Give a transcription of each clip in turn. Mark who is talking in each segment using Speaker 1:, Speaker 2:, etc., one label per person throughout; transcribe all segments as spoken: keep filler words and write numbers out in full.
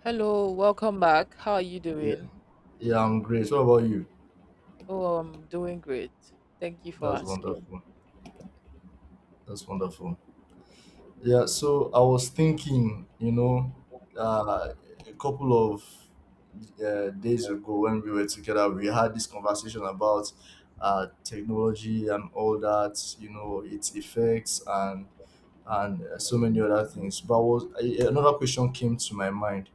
Speaker 1: Hello, welcome back. How are you
Speaker 2: Yeah,
Speaker 1: doing?
Speaker 2: yeah, I'm great. What about you?
Speaker 1: Oh, I'm doing great. Thank you for
Speaker 2: That's
Speaker 1: asking.
Speaker 2: wonderful. That's wonderful. Yeah, so I was thinking, you know, uh, a couple of uh, days ago when we were together, we had this conversation about uh, technology and all that, you know, its effects and and uh, so many other things. But was a- another question came to my mind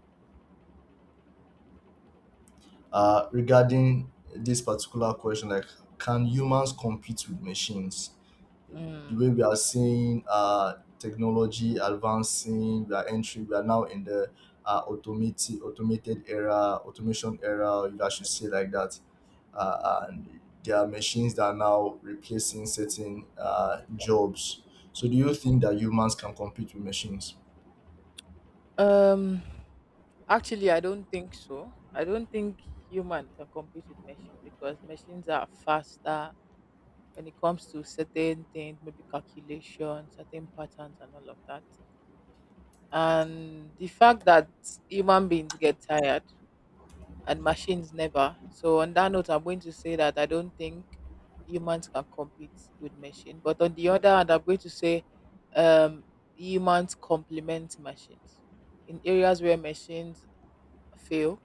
Speaker 2: uh, regarding this particular question, like, can humans compete with machines? The
Speaker 1: Mm.
Speaker 2: way we are seeing uh, technology advancing, we are entering, we are now in the uh, automated automated era, automation era, if I should say like that. Uh, and there are machines that are now replacing certain uh, jobs. So, do you think that humans can compete with machines?
Speaker 1: Um, Actually, I don't think so. I don't think human can compete with machines because machines are faster when it comes to certain things, maybe calculation, certain patterns, and all of that. And the fact that human beings get tired and machines never. So on that note, I'm going to say that I don't think humans can compete with machine. But on the other hand, I'm going to say um, humans complement machines. In areas where machines fail,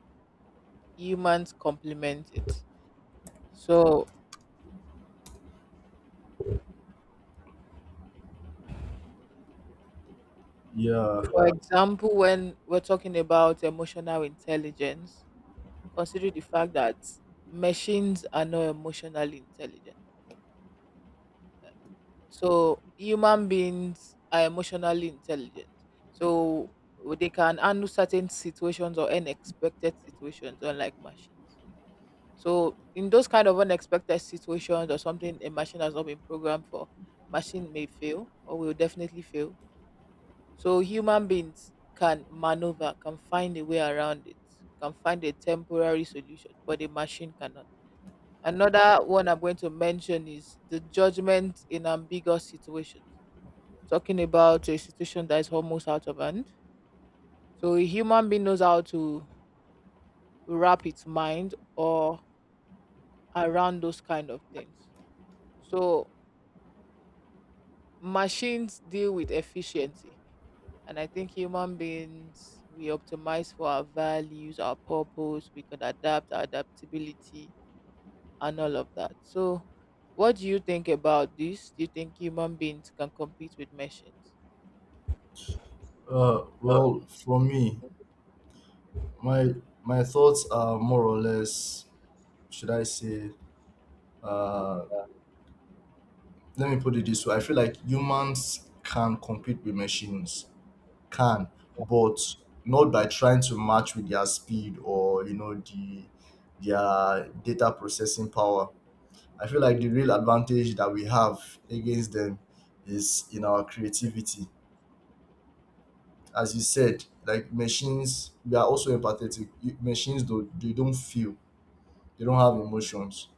Speaker 1: humans complement it. So,
Speaker 2: Yeah.
Speaker 1: for example, when we're talking about emotional intelligence, consider the fact that machines are not emotionally intelligent. So human beings are emotionally intelligent. So they can handle certain situations or unexpected situations, unlike machines. So in those kind of unexpected situations or something a machine has not been programmed for, machine may fail or will definitely fail. So human beings can maneuver, can find a way around it, can find a temporary solution, but a machine cannot. Another one I'm going to mention is the judgment in ambiguous situations, talking about a situation that is almost out of hand. So a human being knows how to wrap its mind or around those kind of things. So machines deal with efficiency. And I think human beings, we optimize for our values, our purpose, we can adapt, our adaptability, and all of that. So, what do you think about this? Do you think human beings can compete with machines?
Speaker 2: Uh,
Speaker 1: Uh,
Speaker 2: well, for me, my my thoughts are more or less, should I say, uh, let me put it this way. I feel like humans can compete with machines can but not by trying to match with their speed, or you know, the their data processing power. I feel like the real advantage that we have against them is in our creativity. As you said, like machines, we are also empathetic. You- machines don't, they don't feel, they don't have emotions,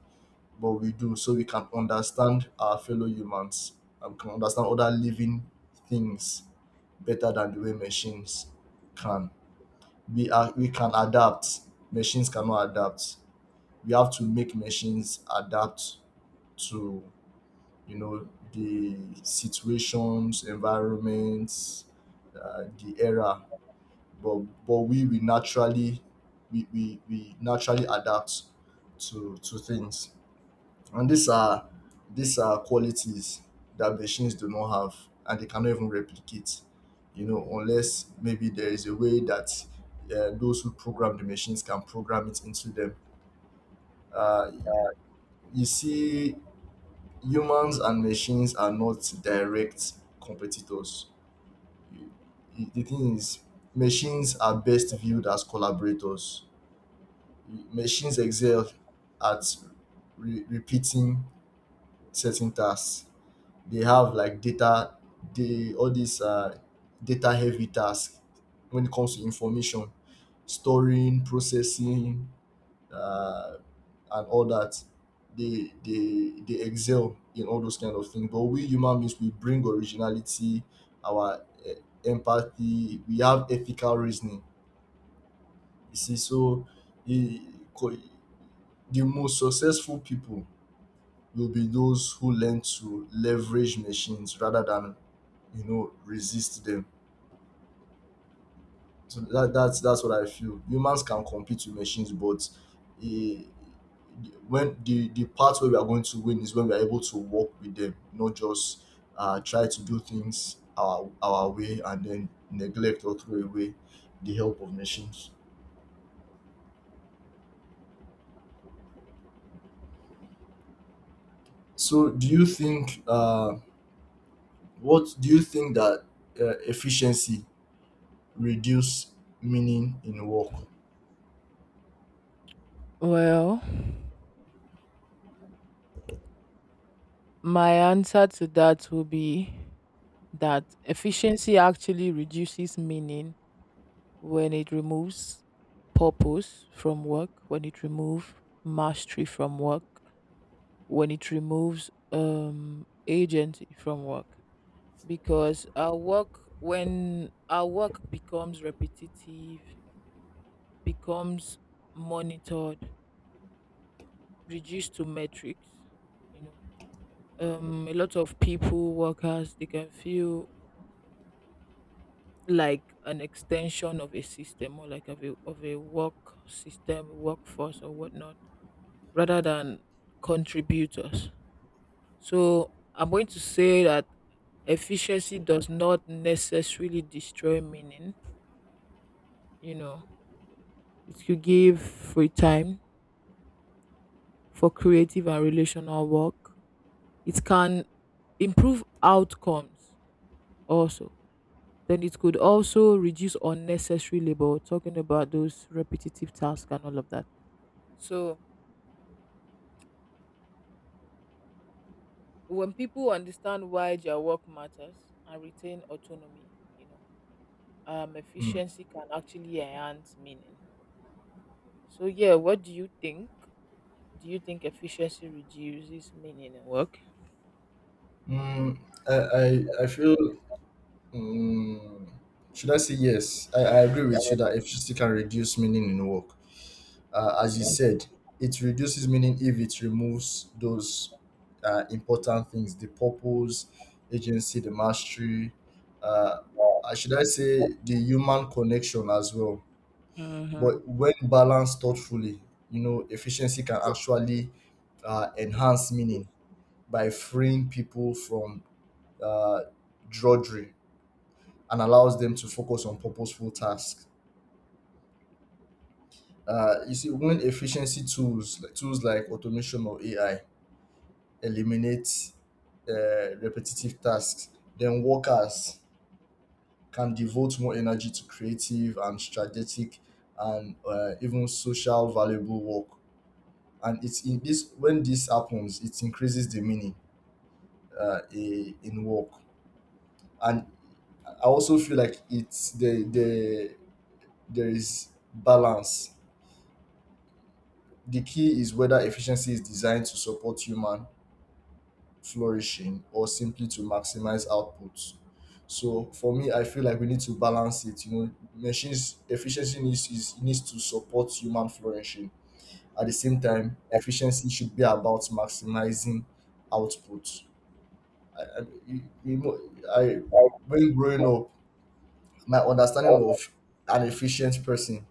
Speaker 2: but we do. So we can understand our fellow humans and can understand other living things better than the way machines can. We are we can adapt. Machines cannot adapt. We have to make machines adapt to, you know, the situations, environments, uh, the era. But but we we naturally we, we, we naturally adapt to to things. And these are these are qualities that machines do not have, and they cannot even replicate, you know, unless maybe there is a way that uh, those who program the machines can program it into them. Uh, you see, humans and machines are not direct competitors. You- you- The thing is, machines are best viewed as collaborators. Machines excel at re- repeating certain tasks. They have like data, they all these uh, data heavy tasks when it comes to information, storing, processing, uh, and all that. They they they excel in all those kind of things, but we human beings, we bring originality, our eh, empathy, we have ethical reasoning. You see, so e co- the most successful people will be those who learn to leverage machines rather than, you know, resist them. So that that's that's what I feel. Humans can compete with machines, but eh, when the the part where we are going to win is when we are able to work with them, not just uh try to do things our our way, and then neglect or throw away the help of machines. So do you think uh what do you think that uh, efficiency reduce meaning in work?
Speaker 1: Well, my answer to that will be that efficiency actually reduces meaning when it removes purpose from work, when it removes mastery from work, when it removes um agency from work. Because our work when our work becomes repetitive, becomes monitored, reduced to metrics, you know. Um a lot of people, workers, they can feel like an extension of a system or like of a of a work system, workforce or whatnot, rather than contributors. So I'm going to say that efficiency does not necessarily destroy meaning. You know, it could give free time for creative and relational work. It can improve outcomes also. Then it could also reduce unnecessary labor, talking about those repetitive tasks and all of that. So when people understand why their work matters and retain autonomy, you know, um,
Speaker 2: Mm.
Speaker 1: efficiency can actually enhance meaning. So yeah, what do you think? Do you think efficiency reduces meaning in work?
Speaker 2: Mm, I, I i feel. Mm, should I say yes? I, I agree with you that efficiency can reduce meaning in work. Uh, as you said, it reduces meaning if it removes those uh, important things: the purpose, agency, the mastery. Uh, uh, should I say the human connection as well?
Speaker 1: Mm-hmm.
Speaker 2: But when balanced thoughtfully, you know, efficiency can actually uh, enhance meaning by freeing people from uh, drudgery and allows them to focus on purposeful tasks. Uh, you see, when efficiency tools, like tools like automation or A I, eliminate uh, repetitive tasks, then workers can devote more energy to creative and strategic and uh, even social valuable work. And it's in this when this happens, it increases the meaning uh, i- in work. And I also feel like it's the the there is balance. The key is whether efficiency is designed to support human flourishing or simply to maximize output. So for me, I feel like we need to balance it. You know, machines efficiency needs is needs to support human flourishing. At the same time, efficiency should be about maximizing output. I, I, you you know, I, when growing up, my understanding of an efficient person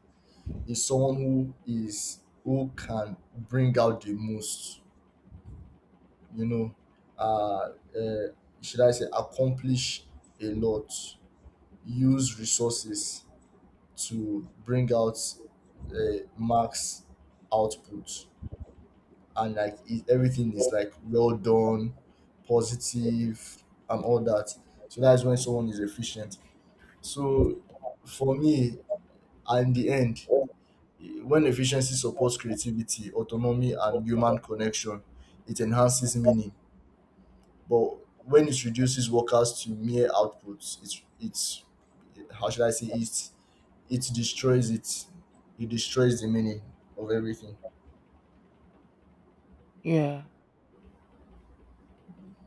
Speaker 2: is someone who is who can bring out the most, you know, uh, uh, should I say, accomplish a lot, use resources to bring out uh, max output, and like it, everything is like well done, positive, and all that. So that's when someone is efficient. So for me, in the end, when efficiency supports creativity, autonomy, and human connection, it enhances meaning. But when it reduces workers to mere outputs, it's it's how should I say it? It destroys it. It destroys the meaning of everything.
Speaker 1: Yeah,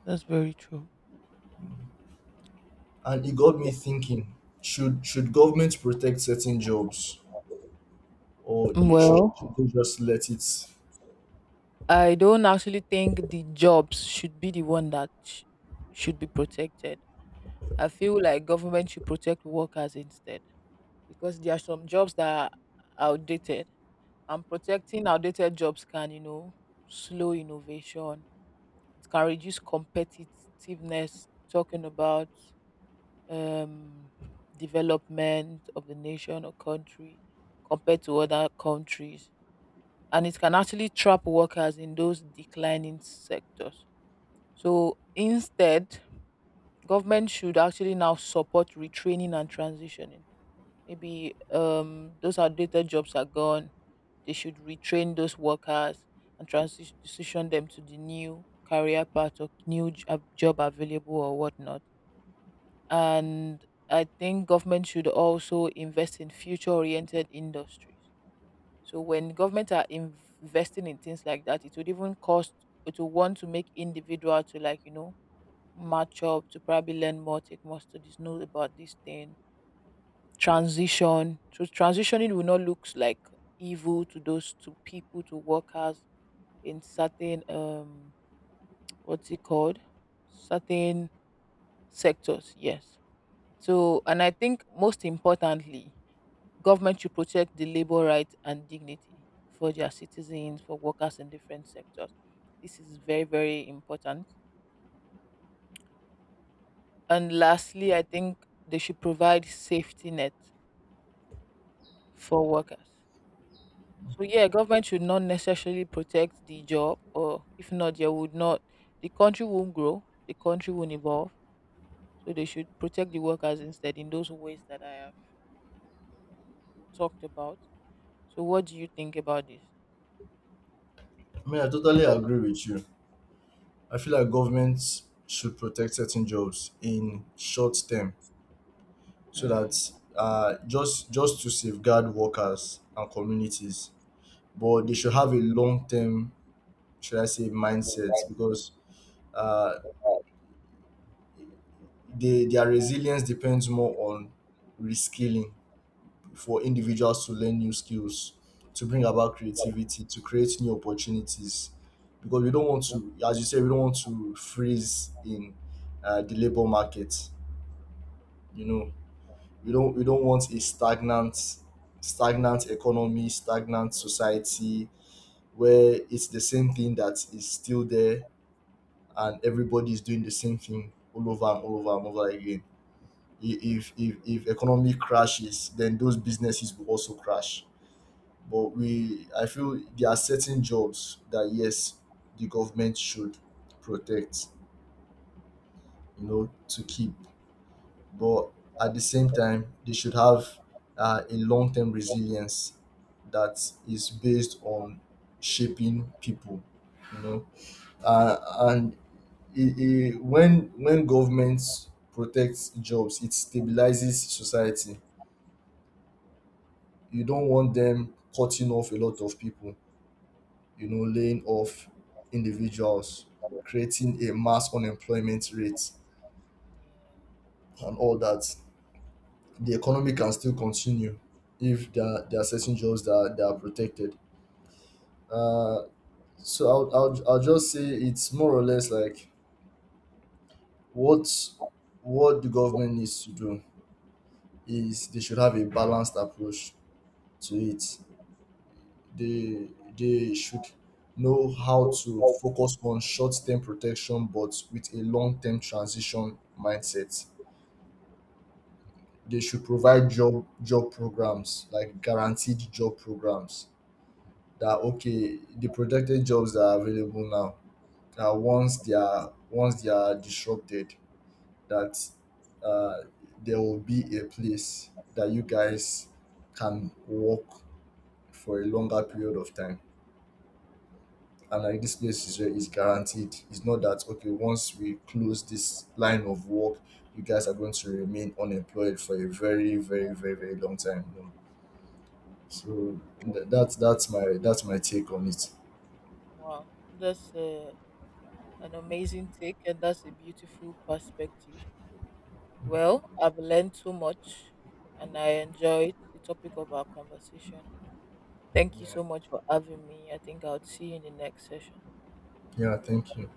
Speaker 1: that's very true.
Speaker 2: And it got me thinking: should should government protect certain jobs, or they should,
Speaker 1: Well,
Speaker 2: should they just let it?
Speaker 1: I don't actually think the jobs should be the one that sh- should be protected. I feel like government should protect workers instead because there are some jobs that are outdated and protecting outdated jobs can, you know, slow innovation. It can reduce competitiveness. Talking about um, development of the nation or country compared to other countries, and it can actually trap workers in those declining sectors. So instead, government should actually now support retraining and transitioning. Maybe um, those outdated jobs are gone. They should retrain those workers and transi- transition them to the new career path or new j- ab- job available or whatnot. And I think government should also invest in future-oriented industries. So when government are inv- investing in things like that, it would even cost it would want to make individual to like you know match up to probably learn more, take more studies, know about this thing transition. So transitioning will not look like evil to those to people to workers in certain um what's it called certain sectors. Yes. So and I think most importantly, government should protect the labor rights and dignity for their citizens, for workers in different sectors. This is very very important. And lastly, I think they should provide safety net for workers. So yeah, government should not necessarily protect the job, or if not, they would not the country won't grow, the country won't evolve. So they should protect the workers instead in those ways that I have talked about. So what do you think about this?
Speaker 2: I mean, I totally agree with you. I feel like governments should protect certain jobs in short term, so
Speaker 1: Mm.
Speaker 2: that uh, just just to safeguard workers and communities, but they should have a long term, should I say, mindsets, because uh, they, their resilience depends more on reskilling, for individuals to learn new skills, to bring about creativity, to create new opportunities. Because we don't want to, as you say, we don't want to freeze in uh, the labor market. You know, we don't we don't want a stagnant, stagnant economy, stagnant society, where it's the same thing that is still there and everybody is doing the same thing all over and all over and over again. I- If if if economy crashes, then those businesses will also crash. But we, I feel there are certain jobs that, yes, the government should protect, you know, to keep. But at the same time, they should have uh, a long term resilience that is based on shaping people, you know. uh, and it, it, when when government protects jobs, it stabilizes society. You don't want them cutting off a lot of people, you know, laying off individuals, creating a mass unemployment rate,
Speaker 1: Yeah.
Speaker 2: and all that. The economy can still continue if there are, there are certain jobs that are, that are protected. Uh, so I'll, I'll, I'll just say it's more or less like what what the government needs to do is they should have a balanced approach to it. They they should know how to focus on short-term protection but with a long-term transition mindset. They should provide job job programs, like guaranteed job programs, that okay, the protected jobs that are available now, that once they are once they are disrupted, that uh, there will be a place that you guys can work for a longer period of time, and like this place is, is guaranteed. It's not that okay, once we close this line of work, you guys are going to remain unemployed for a very, very, very, very long time. You know? So th- that's that's my that's my take on it.
Speaker 1: Wow, that's uh, an amazing take, and that's a beautiful perspective. Well, I've learned so much, and I enjoyed the topic of our conversation. Thank you
Speaker 2: Yeah,
Speaker 1: so much for having me. I think I'll see you in the next session.
Speaker 2: yeah. Thank you.